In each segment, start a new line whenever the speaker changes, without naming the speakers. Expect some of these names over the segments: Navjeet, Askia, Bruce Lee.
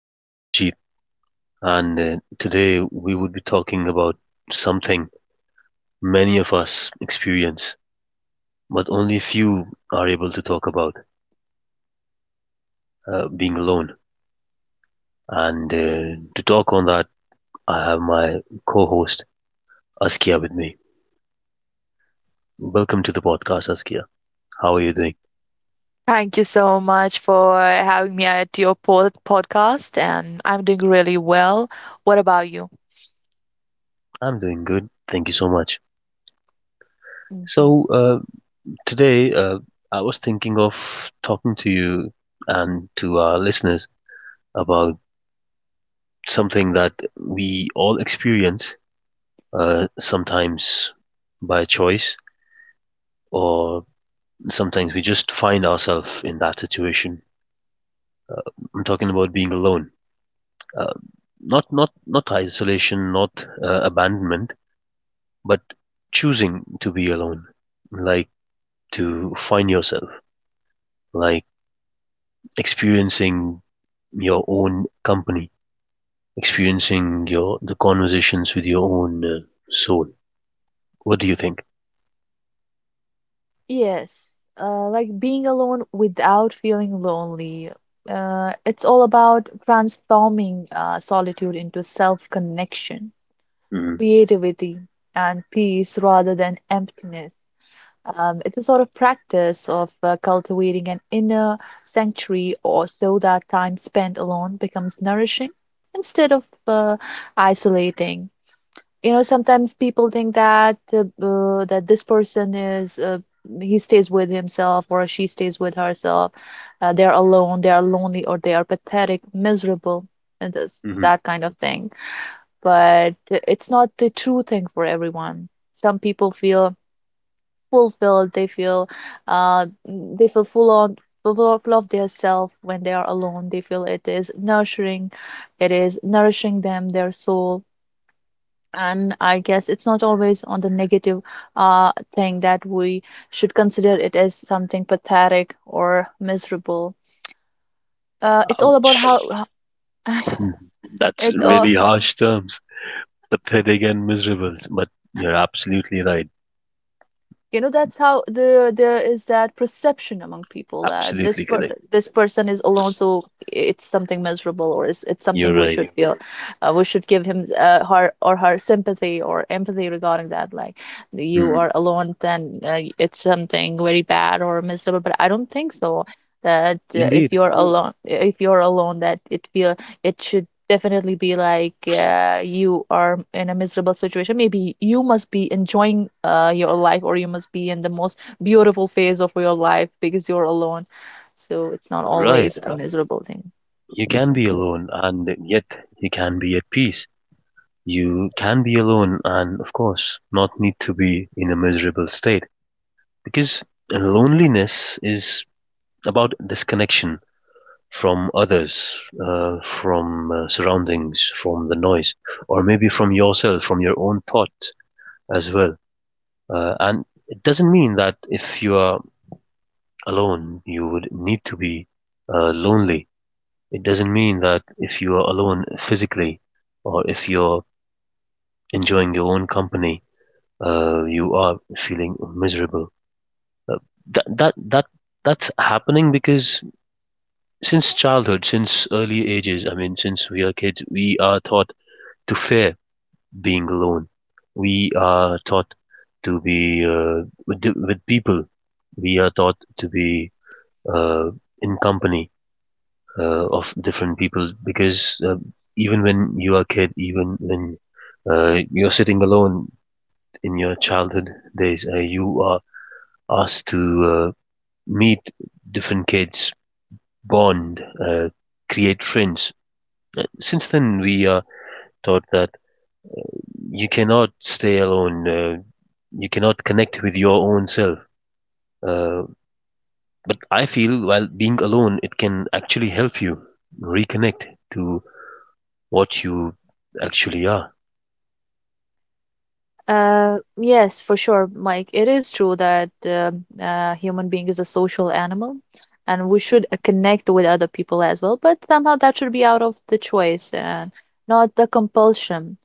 I am Navjeet, and today we would be talking about something many of us experience, but only few are able to talk about: being alone. And to talk on that, I have my co-host Askia with me. Welcome to the podcast, Askia. How are you doing?
Thank you so much for having me at your podcast, and I'm doing really well. What about you?
I'm doing good. Thank you so much.
Hmm.
So, today I was thinking of talking to you and to our listeners about something that we all experience, sometimes by choice, or sometimes we just find ourselves in that situation. I'm talking about being alone, uh, not isolation, not abandonment, but choosing to be alone, like to find yourself, like experiencing your own company, experiencing your the conversations with your own soul. What do you think?
Yes, like being alone without feeling lonely. It's all about transforming solitude into self-connection,
Mm-hmm.
creativity, and peace rather than emptiness. It's a sort of practice of cultivating an inner sanctuary, or so that time spent alone becomes nourishing instead of isolating. Sometimes people think that this person is he stays with himself or she stays with herself. They are alone, they are lonely, or they are pathetic, miserable, and this, that kind of thing. But it's not the true thing for everyone. Some people feel fulfilled. They feel full of their self when they are alone. They feel it is nurturing, it is nourishing them their soul. And I guess it's not always on the negative thing that we should consider it as something pathetic or miserable. It's all about how
Ouch.
how-
Mhm. That's
it's
really
all
harsh terms. The pathetic and miserable. But you're absolutely right.
That's how there is that perception among people that
Absolutely correct.
this person is alone, so it's something miserable, or it's something
You're
we
right.
should feel. We should give him, her sympathy or empathy regarding that, like, you are
Hmm.
alone then it's something very bad or miserable, but I don't think so that if
Indeed.
you're alone that it should definitely be like, you are in a miserable situation. Maybe you must be enjoying your life, or you must be in the most beautiful phase of your life because you're alone, so it's not
Right.
always a miserable thing.
You can be alone and yet you can be at peace. You can be alone and, of course, not need to be in a miserable state, because loneliness is about disconnection from others, from surroundings, from the noise, or maybe from yourself, from your own thought, as well. And it doesn't mean that if you are alone, you would need to be lonely. It doesn't mean that if you are alone physically or if you're enjoying your own company, you are feeling miserable. That that that that's happening because since childhood, since early ages, I mean, since we are kids, we are taught to fear being alone. We are taught to be with people. We are taught to be uh, in company of different people, because even when you are a kid, even when you're sitting alone in your childhood days, you are asked to meet different kids, bond, create friends. Since then, we are taught that you cannot stay alone. You cannot connect with your own self. Uh, but I feel while being alone, it can actually help you reconnect to what you actually are.
Yes, for sure, like it is true that human being is a social animal, and we should connect with other people as well, but somehow that should be out of the choice and not the compulsion.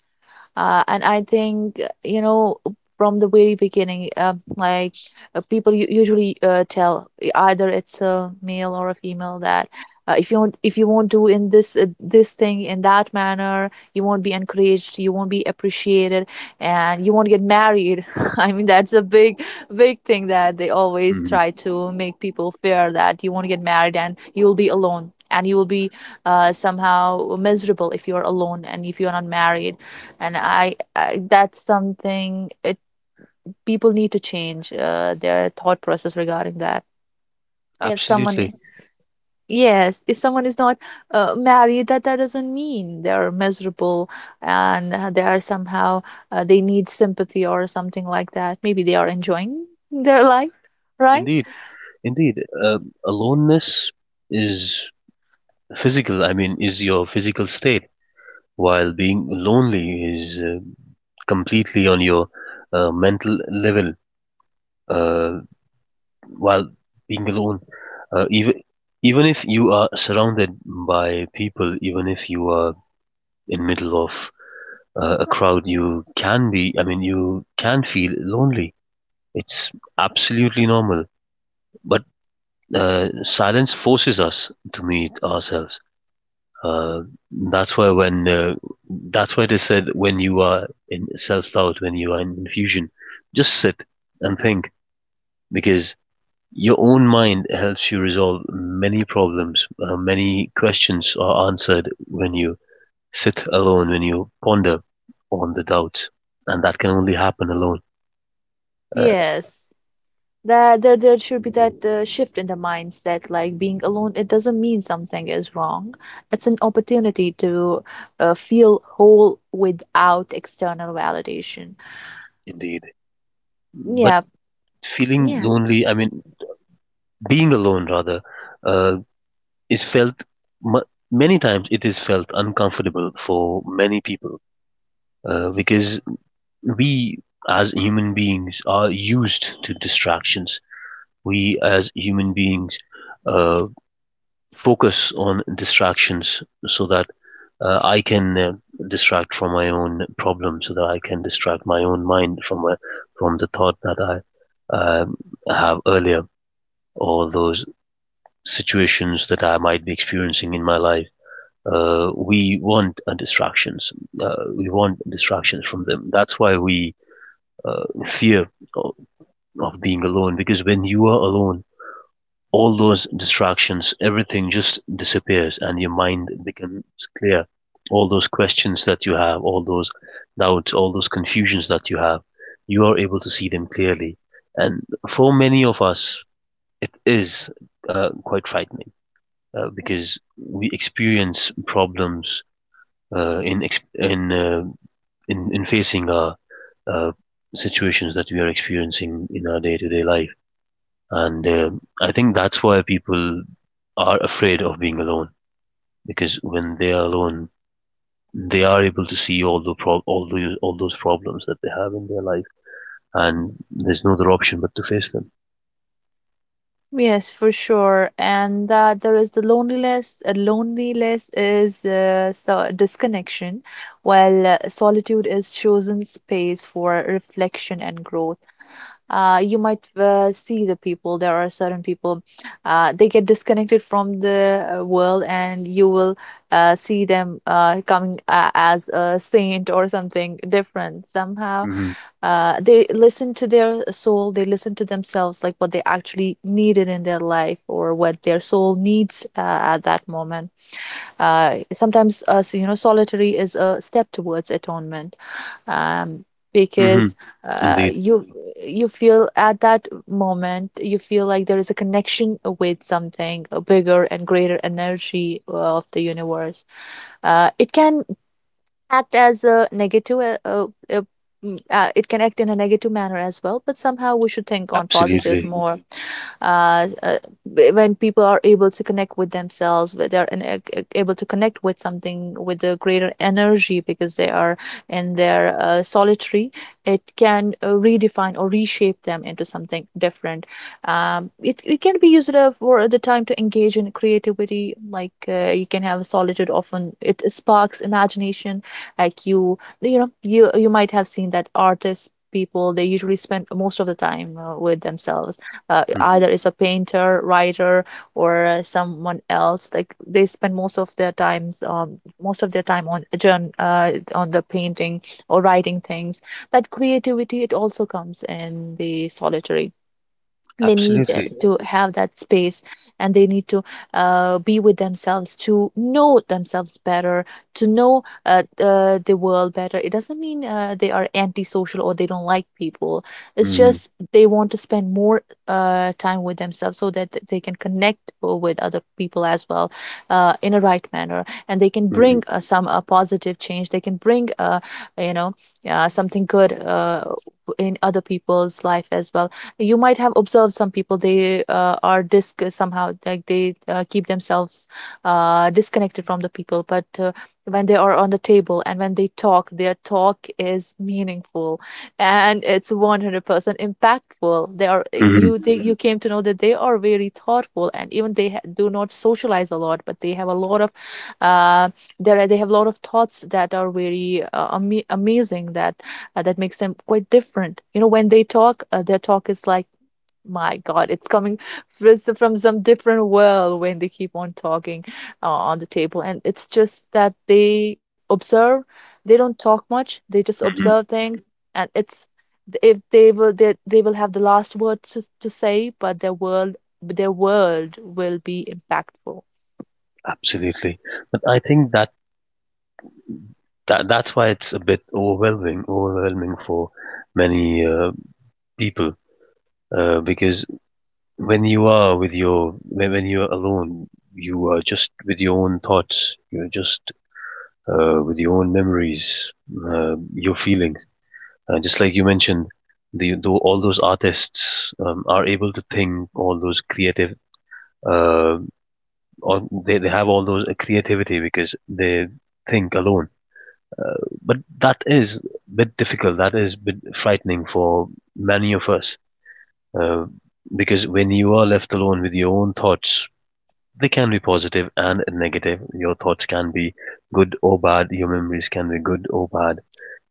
And I think, from the very beginning, like, people usually tell, either it's a male or a female, that if you don't, if you won't do in this thing in that manner, you won't be encouraged, you won't be appreciated, and you won't get married. I mean, that's a big thing that they always
Hmm.
try to make people fear that you won't get married and you will be alone, and you will be somehow miserable if you're alone and if you're not married. And I, I that's something it, people need to change their thought process regarding that. If someone
Absolutely.
I- Yes, if someone is not married, that doesn't mean they're miserable, and they are somehow, they need sympathy or something like that. Maybe they are enjoying their life, right.
Indeed. Indeed. Aloneness is physical, I mean, is your physical state, while being lonely is completely on your mental level, uh, while being alone. Uh, even, even if you are surrounded by people, even if you are in middle of a crowd, you can be, I mean, you can feel lonely. It's absolutely normal. But silence forces us to meet ourselves. Uh, that's why when uh, that's why they said when you are in self-doubt, when you are in confusion, just sit and think, because your own mind helps you resolve many problems. Many questions are answered when you sit alone, when you ponder on the doubts, and that can only happen alone. Uh,
Yes, that there should be that shift in the mindset, like being alone, it doesn't mean something is wrong, it's an opportunity to feel whole without external validation.
Indeed, but
Yeah,
feeling
yeah.
lonely, I mean, being alone rather, uh, is felt mu many times it is felt uncomfortable for many people, because we as human beings are used to distractions. We as human beings uh, focus on distractions so that I can distract from my own problem, so that I can distract my own mind from from the thought that I um, have earlier, or those situations that I might be experiencing in my life. We want distractions. We want distractions from them. That's why we fear of, of being alone, because when you are alone, all those distractions, everything just disappears and your mind becomes clear. All those questions that you have, all those doubts, all those confusions that you have, you are able to see them clearly. And for many of us, it is quite frightening, because we experience problems uh, in in, uh, in facing our uh, situations that we are experiencing in our day to day life. And I think that's why people are afraid of being alone, because when they are alone, they are able to see all the pro- all the all those problems that they have in their life, and there's no other option but to face them.
Yes, for sure. And that there is the loneliness. Loneliness is, so, disconnection, while solitude is chosen space for reflection and growth. You might see the people, there are certain people, they get disconnected from the world, and you will see them coming, as a saint or something different somehow.
Hmm.
They listen to their soul, they listen to themselves, like what they actually needed in their life or what their soul needs at that moment. Sometimes, solitary is a step towards atonement, um, because
Hmm.
uh,
Indeed.
you you feel at that moment, you feel like there is a connection with something bigger and greater energy of the universe. It can act as a negative It can act in a negative manner as well, but somehow we should think on positives
Absolutely.
more. uh, uh, when people are able to connect with themselves, where they're able to connect with something, with a greater energy, because they are in their solitary, it can redefine or reshape them into something different. It can be used for the time to engage in creativity, like, you can have solitude. Often it sparks imagination, like, you might have seen that artists, people, they usually spend most of the time with themselves,
Hmm.
either is a painter, writer, or someone else. Like they spend most of their most of their time on on the painting or writing things. That creativity, it also comes in the solitary. They need
Absolutely.
to have that space, and they need to be with themselves to know themselves better, to know the world better. It doesn't mean they are antisocial or they don't like people. It's
Hmm.
just they want to spend more time with themselves, so that they can connect with other people as well, in a right manner, and they can
Hmm.
bring some positive change. They can bring you know something good in other people's life as well. You might have observed some people, they are disc somehow, like, they keep themselves disconnected from the people, but when they are on the table and when they talk, their talk is meaningful, and it's 100% impactful. They are
Hmm.
you they, Mhm. You came to know that they are very thoughtful, and even they do not socialize a lot, but they have a lot of uh, there are- they have a lot of thoughts that are very amazing, that makes them quite different. When they talk, their talk is like, my God, it's coming from some different world when they keep on talking on the table. And it's just that they observe, they don't talk much, they just observe things. And it's if they will they will have the last word to say, but their world will be impactful.
Absolutely, but I think that that's why it's a bit overwhelming for many people, because when you are with your when you're alone, you are just with your own thoughts, you're just with your own memories, your feelings, just like you mentioned, the though all those artists are able to think all those creative, uh, or they have all those creativity because they think alone. But that is a bit difficult. That is a bit frightening for many of us. Uh, because when you are left alone with your own thoughts, they can be positive and negative. Your thoughts can be good or bad. Your memories can be good or bad.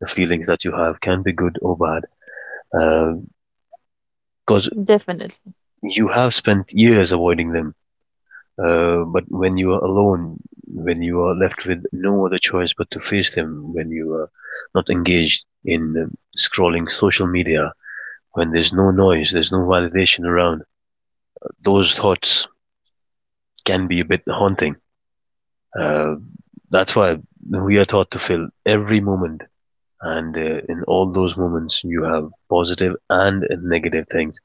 The feelings that you have can be good or bad. Because uh,
Definitely.
you have spent years avoiding them. But when you are alone, when you are left with no other choice but to face them, when you are not engaged in scrolling social media, when there's no noise, there's no validation around, those thoughts can be a bit haunting. Uh, that's why we are taught to fill every moment, and in all those moments, you have positive and negative things.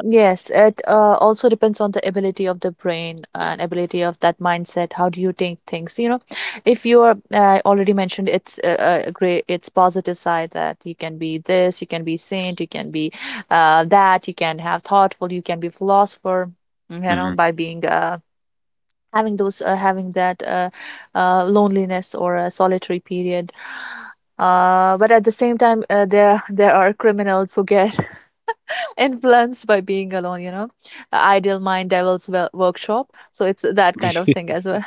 Yes, it also depends on the ability of the brain and ability of that mindset. How do you take things? If you are I already mentioned, it's positive side, that you can be this, you can be saint, you can be that, you can have thoughtful, you can be philosopher.
Hmm.
By being having that loneliness or a solitary period. But at the same time, there there are criminals who get influenced by being alone, ideal mind devils workshop. So it's that kind of thing as well,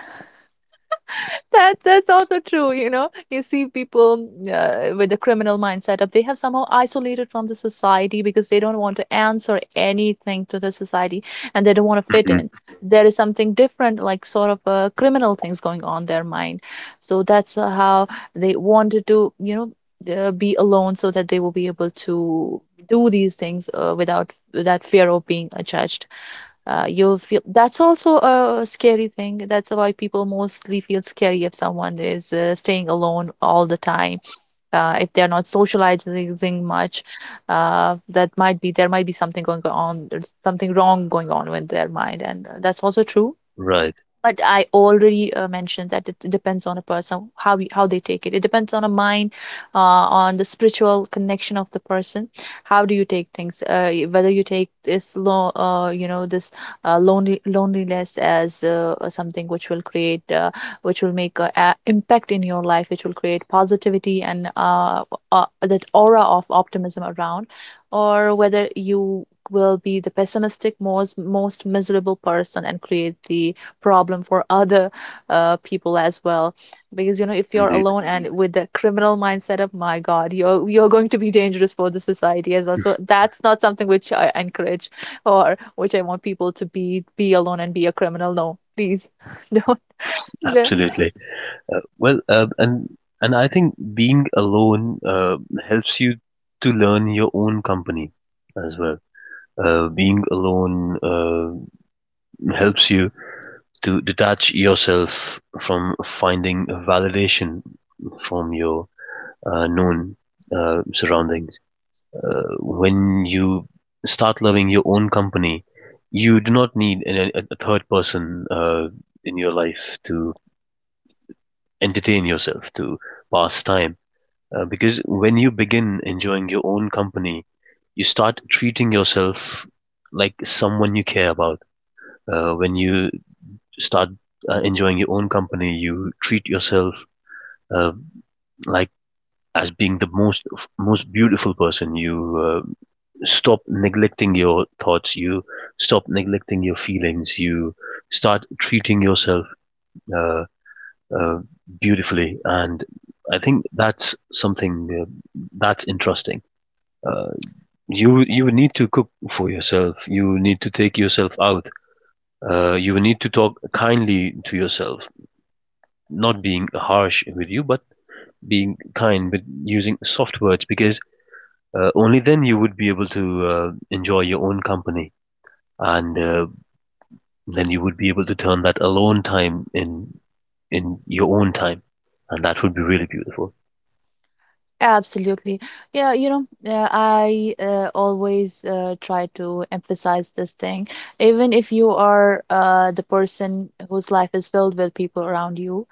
that's also true. You see people with a criminal mindset, up, they have somehow isolated from the society because they don't want to answer anything to the society, and they don't want to fit
Hmm.
in. There is something different, like sort of criminal things going on their mind. So that's how they wanted to, be alone, so that they will be able to do these things without that fear of being judged. You feel that's also a scary thing. That's why people mostly feel scary if someone is staying alone all the time, if they're not socializing much. That might be There might be something going on, there's something wrong going on with their mind, and that's also true.
Right.
But I already mentioned that it depends on a person, how they take it. It depends on a mind, on the spiritual connection of the person. How do you take things? Whether you take this lo- you know this lonely loneliness as something which will which will make a impact in your life, which will create positivity and that aura of optimism around, or whether you will be the pessimistic, most miserable person and create the problem for other people as well. Because if you're
Indeed.
alone and with the criminal mindset, of my God, you're going to be dangerous for the society as well, so that's not something which I encourage, or which I want people to, be alone and be a criminal. No, please, don't. The-
Absolutely. Well, and I think being alone helps you to learn your own company as well. Being alone helps you to detach yourself from finding validation from your known surroundings. When you start loving your own company, you do not need a third person in your life to entertain yourself, to pass time. Because when you begin enjoying your own company, you start treating yourself like someone you care about. When you start enjoying your own company, you treat yourself uh, like as being the most beautiful person. You stop neglecting your thoughts. You stop neglecting your feelings. You start treating yourself uh, uh, beautifully, and I think that's something that's interesting. Uh, you need to cook for yourself. You need to take yourself out. You need to talk kindly to yourself, not being harsh with you, but being kind, but using soft words, because only then you would be able to enjoy your own company, and then you would be able to turn that alone time in your own time, and that would be really beautiful.
Absolutely. Yeah, I always try to emphasize this thing. Even if you are the person whose life is filled with people around you,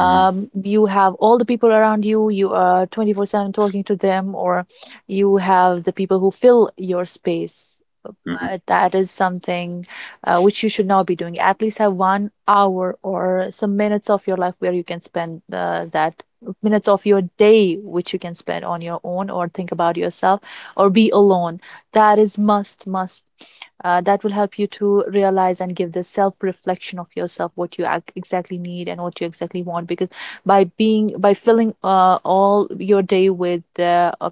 Hmm.
you have all the people around you, you are 24/7 talking to them, or you have the people who fill your space.
Hmm.
But that is something which you should not be doing. At least have 1 hour or some minutes of your life where you can spend that minutes of your day, which you can spend on your own or think about yourself or be alone. That is must That will help you to realize and give this self reflection of yourself, what you exactly need and what you exactly want. Because by filling all your day with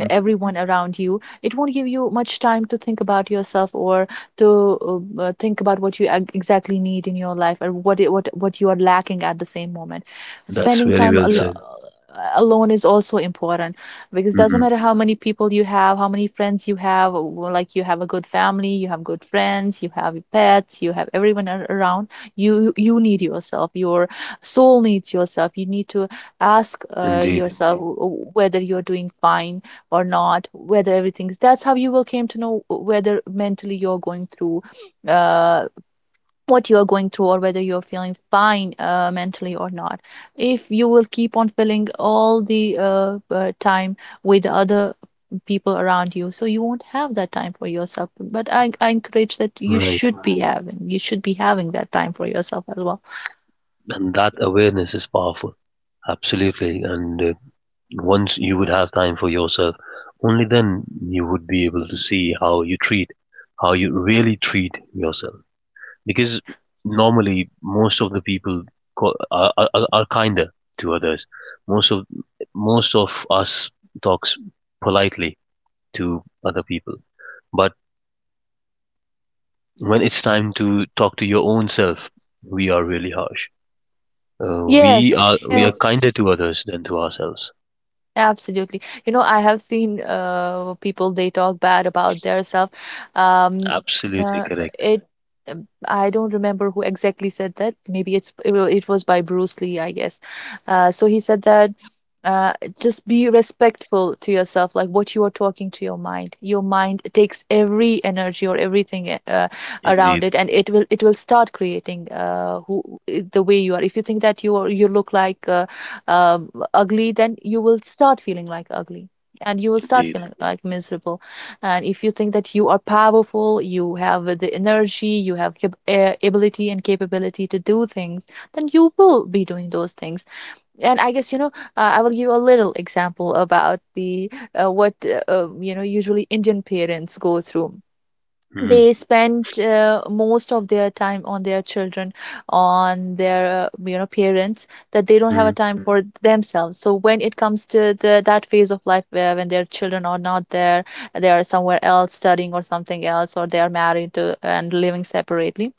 Hmm.
everyone around you, it won't give you much time to think about yourself, or to think about exactly need in your life, or what you are lacking at the same moment.
That's
Spending
very
time, that's
well
correct,
said.
alone is also important, because doesn't
Hmm.
matter how many people you have, how many friends you have, or like you have a good family, you have good friends, you have pets, you have everyone around you. You need yourself. Your soul needs yourself. You need to ask
Indeed.
yourself. Mhm. Whether you're doing fine or not, whether everything's that's how you will came to know, whether mentally you're going through, uh, what you're going through, or whether you're feeling fine mentally or not. If you will keep on filling all the time with other people around you, so you won't have that time for yourself. But I encourage that you
Right,
should be having, that time for yourself as well.
and that awareness is powerful. Absolutely, and once you would have time for yourself, only then you would be able to see how you treat, how you really treat yourself. Because normally, most of the people are kinder to others. Most of most of us talks politely to other people, but when it's time to talk to your own self, we are really harsh. Uh, we
Yes,
are we are
yes.
kinder to others than to ourselves.
Absolutely. You know, I have seen people, they talk bad about their self. Um,
Absolutely
uh,
correct.
it I don't remember who exactly said that. Maybe it was by Bruce Lee, I guess. So he said that uh, just be respectful to yourself, like what you are talking to your mind. Your mind takes every energy or everything around
Indeed.
it, and it will start creating, who the way you are. If you think that you look like ugly, then you will start feeling like ugly, and you will start
Indeed.
feeling like miserable. And if you think that you are powerful, you have the energy, you have ability and capability to do things, then you will be doing those things. And I guess, you know, I will give you a little example about the what, you know, usually Indian parents go through.
Hmm.
They spend most of their time on their children, on their parents, that they don't have
Hmm.
a time for themselves. So when it comes to the that phase of life, where when their children are not there, they are somewhere else studying or something else, or they are married to, and living separately,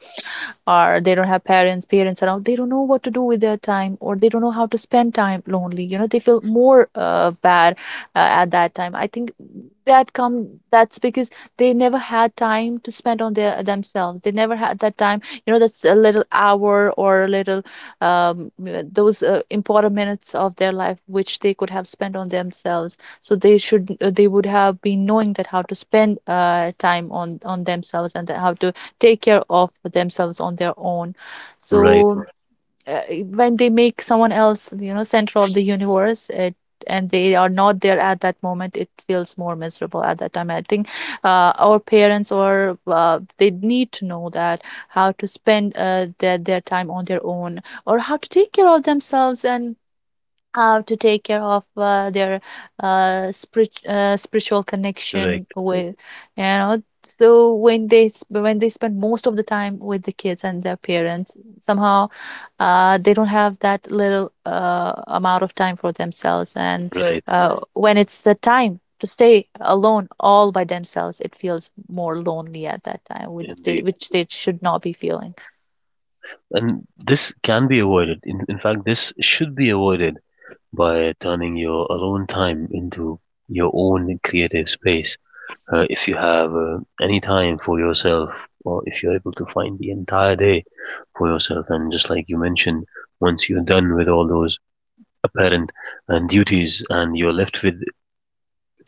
or they don't have parents around. They don't know what to do with their time, or they don't know how to spend time lonely. They feel more bad at that time, I think. That's because they never had time to spend on their themselves. They never had that time, you know, that's a little hour or a little, those important minutes of their life, which they could have spent on themselves. So they would have been knowing that how to spend time on themselves, and how to take care of themselves on their own.
Right.
So uh, when they make someone else, you know, center of the universe, it and they are not there at that moment, it feels more miserable at that time, I think. Our parents, or they need to know that how to spend their time on their own, or how to take care of themselves, and how to take care of their spiritual connection
Correct.
Mm. with, you know, so when when they spend most of the time with the kids and their parents, somehow they don't have that little amount of time for themselves, and
Right.
Right. When it's the time to stay alone all by themselves, it feels more lonely at that time,
Indeed.
which they should not be feeling.
And this can be avoided. In fact, this should be avoided by turning your alone time into your own creative space. If you have any time for yourself, or if you're able to find the entire day for yourself, and just like you mentioned, once you're done with all those apparent and duties and you're left with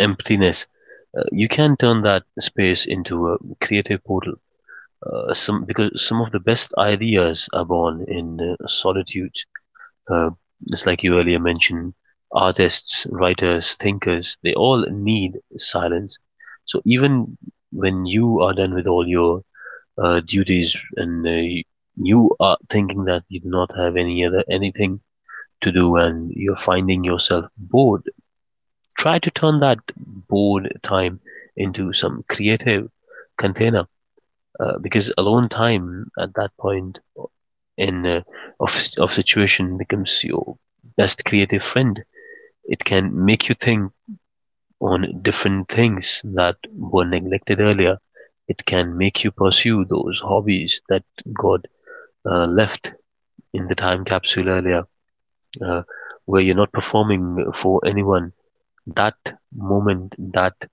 emptiness, you can turn that space into a creative portal. Some because some of the best ideas are born in solitude. Uh, just like you earlier mentioned, artists, writers, thinkers, they all need silence. So even when you are done with all your duties, and you are thinking that you do not have anything to do and you're finding yourself bored, try to turn that bored time into some creative container, because alone time, at that point in of situation, becomes your best creative friend. It can make you think on different things that were neglected earlier. It can make you pursue those hobbies that God left in the time capsule earlier, uh, where you're not performing for anyone. That moment, that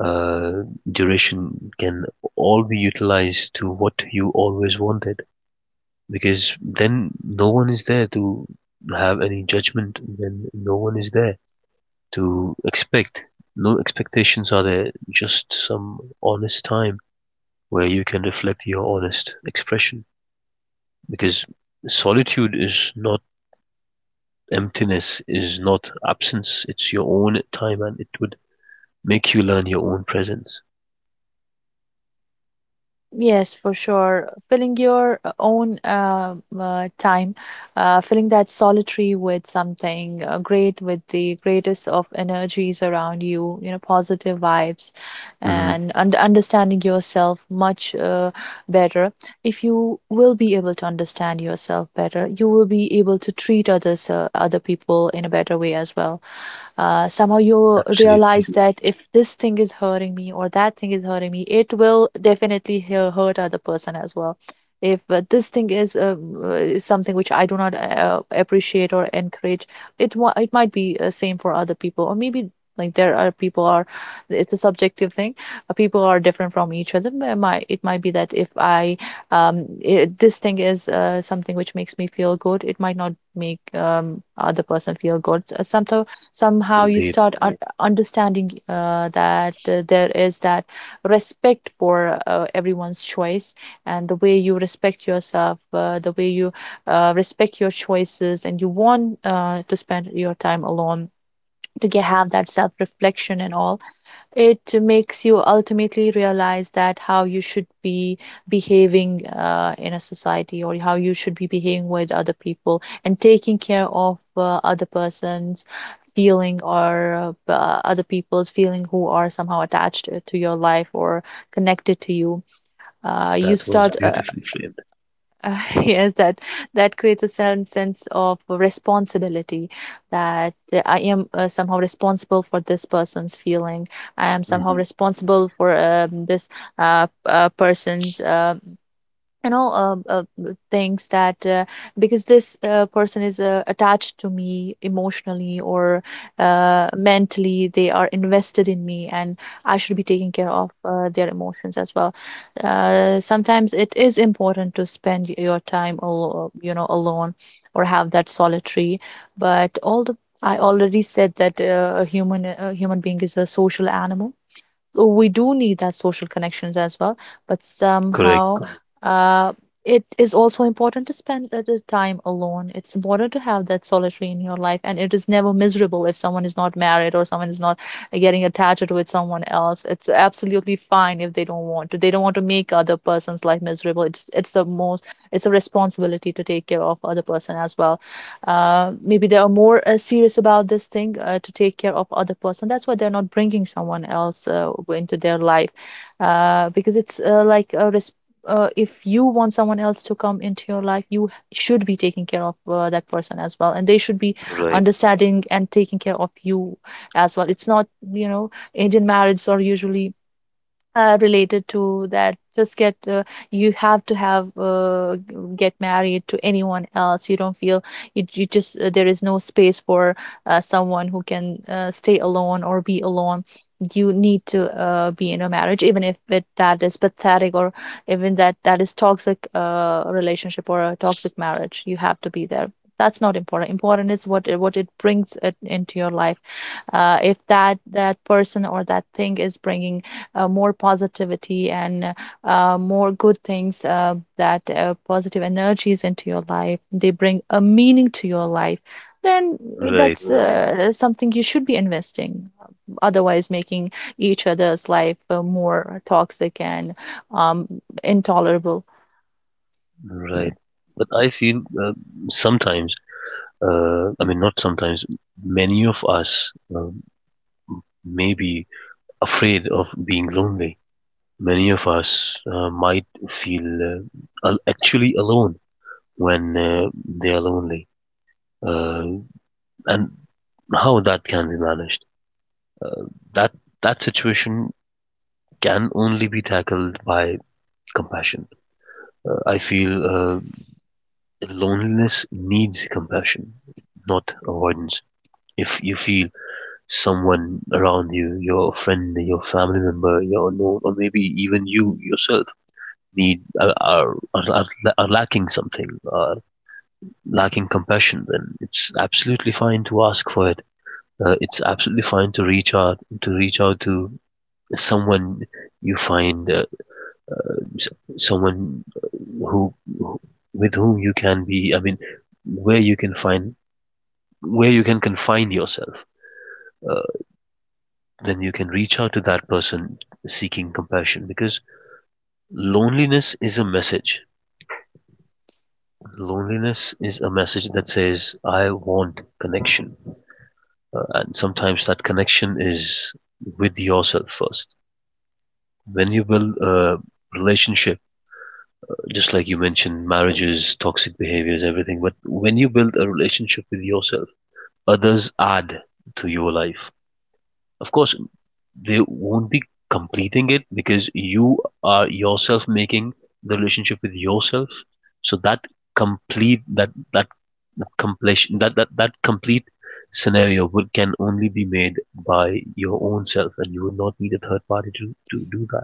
uh, duration can all be utilized to what you always wanted, because then no one is there to have any judgment, then no one is there to expect. No expectations are there, just some honest time where you can reflect your honest expression. Because solitude is not emptiness, is not absence, it's your own time, and it would make you learn your own presence.
Yes, for sure. Filling your own time, filling that solitary with something great, with the greatest of energies around you, you know, positive vibes,
Hmm.
and un understanding yourself much better. If you will be able to understand yourself better, you will be able to treat others, other people, in a better way as well. Somehow you realize
Absolutely.
that if this thing is hurting me, or that thing is hurting me, it will definitely hurt other person as well. If this thing is something which I do not appreciate or encourage, it might be same for other people, or maybe, like there are people are it's a subjective thing. People are different from each other, but it might be that if I, this thing is something which makes me feel good, it might not make other person feel good. Sometimes somehow you
Indeed.
start understanding that there is that respect for everyone's choice, and the way you respect yourself, the way you respect your choices, and you want to spend your time alone, to have that self reflection and all. It makes you ultimately realize that how you should be behaving in a society, or how you should be behaving with other people, and taking care of other person's feeling, or other people's feeling, who are somehow attached to your life or connected to you. You
That was
start
beautifully framed.
yes, that creates a certain sense of responsibility, that I am somehow responsible for this person's feeling. I am somehow
Hmm.
responsible for this person's, things that because this person is attached to me emotionally, or mentally, they are invested in me, and I should be taking care of their emotions as well. Sometimes it is important to spend your time alone, or have that solitary. But all the I already said that a human being is a social animal. Well, we do need that social connections as well, but
Correct.
somehow, Correct. It is also important to spend the time alone. It's important to have that solitary in your life, and it is never miserable if someone is not married or someone is not getting attached with someone else. It's absolutely fine. If they don't want to, they don't want to make other person's life miserable. It's the most It's a responsibility to take care of other person as well. Maybe they are more serious about this thing to take care of other person, that's why they're not bringing someone else into their life. Because it's if you want someone else to come into your life, should be taking care of that person as well, and they should be
Right.
understanding and taking care of you as well. It's not, you know, Indian marriages are usually related to that, just get you have to get married to anyone else. You don't feel, you just there is no space for someone who can stay alone or be alone. You need to be in a marriage, even if that is pathetic, or even that is toxic relationship, or a toxic marriage, you have to be there. That's not important. Important is what it brings it into your life. If that person or that thing is bringing more positivity, and more good things, that positive energies into your life, they bring a meaning to your life. Then
Right.
that's right. Something you should be investing otherwise making each other's life more toxic and um, intolerable.
Right. But I feel sometimes, I mean, not sometimes, many of us maybe afraid of being lonely. Many of us might feel actually alone when they are lonely, uh, and how that can be managed. That that situation can only be tackled by compassion. I feel loneliness needs compassion, not avoidance. If you feel someone around you, your friend, your family member, your known, or maybe even you yourself need are, are lacking something, are lacking compassion, then it's absolutely fine to ask for it. It's absolutely fine to reach out to someone you find, someone who, who, with whom you can be. I mean, where you can find, where you can confine yourself, uh, then you can reach out to that person seeking compassion, because loneliness is a message Loneliness is a message that says, I want connection. And sometimes that connection is with yourself first. When you build a relationship, just like you mentioned, marriages, toxic behaviors, everything, but when you build a relationship with yourself, others add to your life. Of course, they won't be completing it, because you are yourself making the relationship with yourself. So that complete that that completion that that, that complete scenario can only be made by your own self, and you would not need a third party to do that,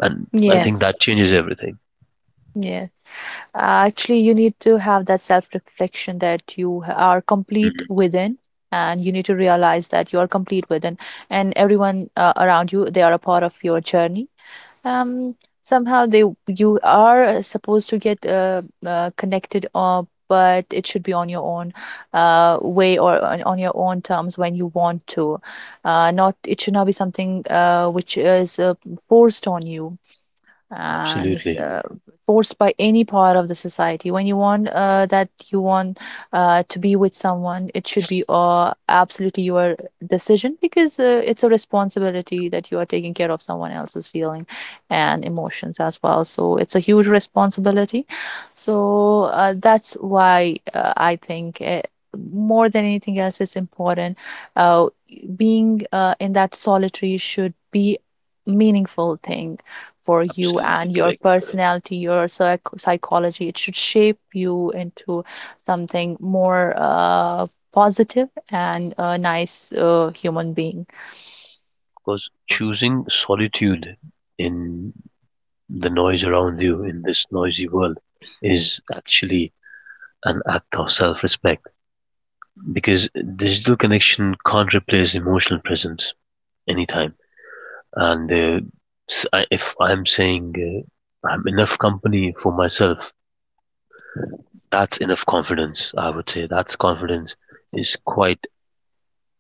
and I think
Yes,
that changes everything.
yes. Actually, you need to have that self-reflection that are complete
Mhm.
within, and you need to realize that you are complete within, and everyone around you, they are a part of your journey. Um somehow they You are supposed to get connected up, but it should be on your own way, or on your own terms when you want to. Not It should not be something which is forced on you, and
Absolutely.
forced by any part of the society. When you want, to be with someone, it should be absolutely your decision, because it's a responsibility that you are taking care of someone else's feeling and emotions as well, so it's a huge responsibility. So that's why I think, more than anything else, it's important, uh, being in that solitary should be meaningful thing for you
Absolutely
and your
correct,
personality, your psychology. It should shape you into something more positive, and a nice human being.
because choosing solitude in the noise around you, in this noisy world, is actually an act of self-respect, because digital connection can't replace emotional presence anytime. And if I'm saying I'm enough company for myself, that's enough confidence. I would say that's confidence is quite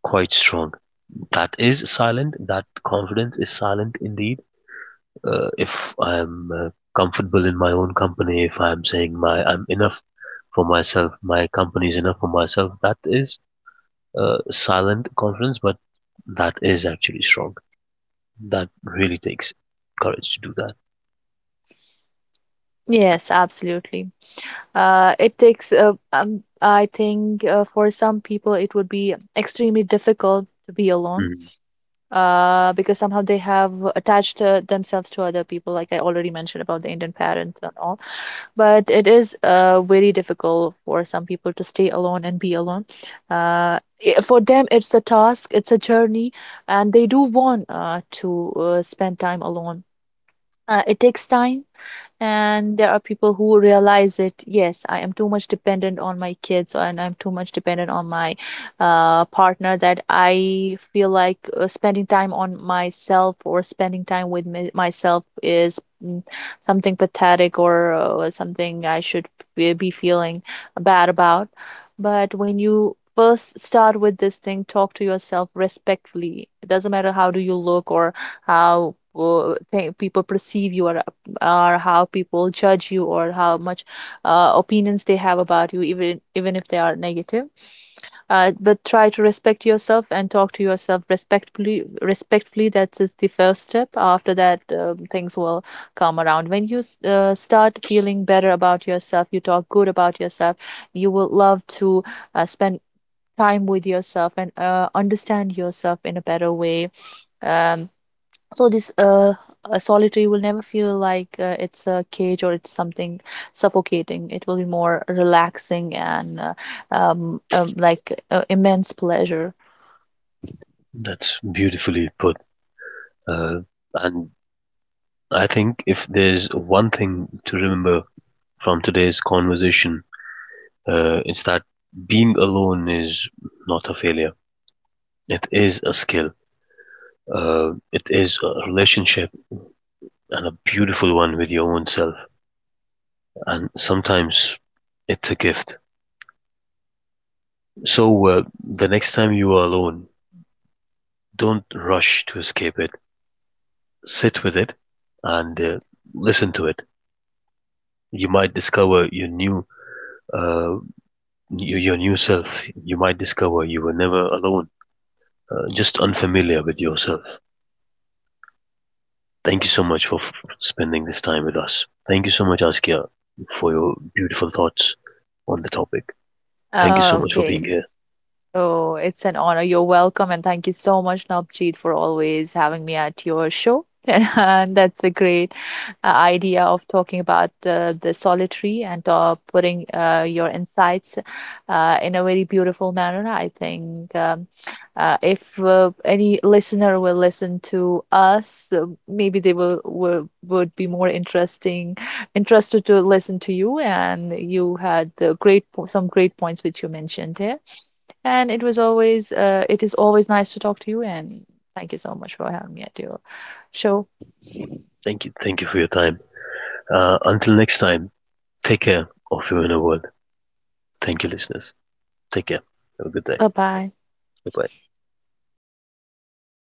quite strong. That is silent. That confidence is silent indeed. If I'm comfortable in my own company, if I'm saying my I'm enough for myself, my company is enough for myself. That is silent confidence, but that is actually strong. That really takes courage to do that.
Yes, absolutely. It takes, I think, for some people, it would be extremely difficult to be alone,
Mm.
because somehow they have attached themselves to other people, like I already mentioned about the Indian parents and all. But it is very difficult for some people to stay alone and be alone. Uh, for them, it's a task, it's a journey, and they do want to spend time alone. It takes time, and there are people who realize it, yes, I am too much dependent on my kids, and I'm too much dependent on my partner, that I feel like spending time on myself, or spending time with my myself is something pathetic, or something I should be feeling bad about. But when you first start with this thing, talk to yourself respectfully. It doesn't matter how do you look, or how people perceive you, or how people judge you, or how much opinions they have about you, even if they are negative. But try to respect yourself and talk to yourself respectfully that's the first step. After that, things will come around. When you start feeling better about yourself, you talk good about yourself, you will love to spend time with yourself and understand yourself in a better way. um, so this solitary will never feel like it's a cage or it's something suffocating. It will be more relaxing and like immense pleasure.
That's beautifully put. Uh, and I think if there's one thing to remember from today's conversation, it's that being alone is not a failure. It is a skill. It is a relationship, and a beautiful one with your own self. And sometimes it's a gift. So, the next time you are alone, don't rush to escape it. Sit with it and listen to it. You might discover uh, your new self. You might discover you were never alone, just unfamiliar with yourself. Thank you so much for spending this time with us. Thank you so much, Askia, for your beautiful thoughts on the topic. Thank you so much for
Okay.
being here.
Oh, it's an honor. You're welcome. And thank you so much, Navjeet, for always having me at your show. And that's a great idea of talking about the solitary, and putting your insights in a very beautiful manner. I think, if any listener will listen to us, maybe they will would be more interested to listen to you. And you had the some great points which you mentioned here. And it is always nice to talk to you. And thank you so much for having me at your show.
Thank you. Thank you for your time. Until next time, take care of your inner world. Thank you, listeners. Take care. Have a good day.
Bye bye.
Bye bye.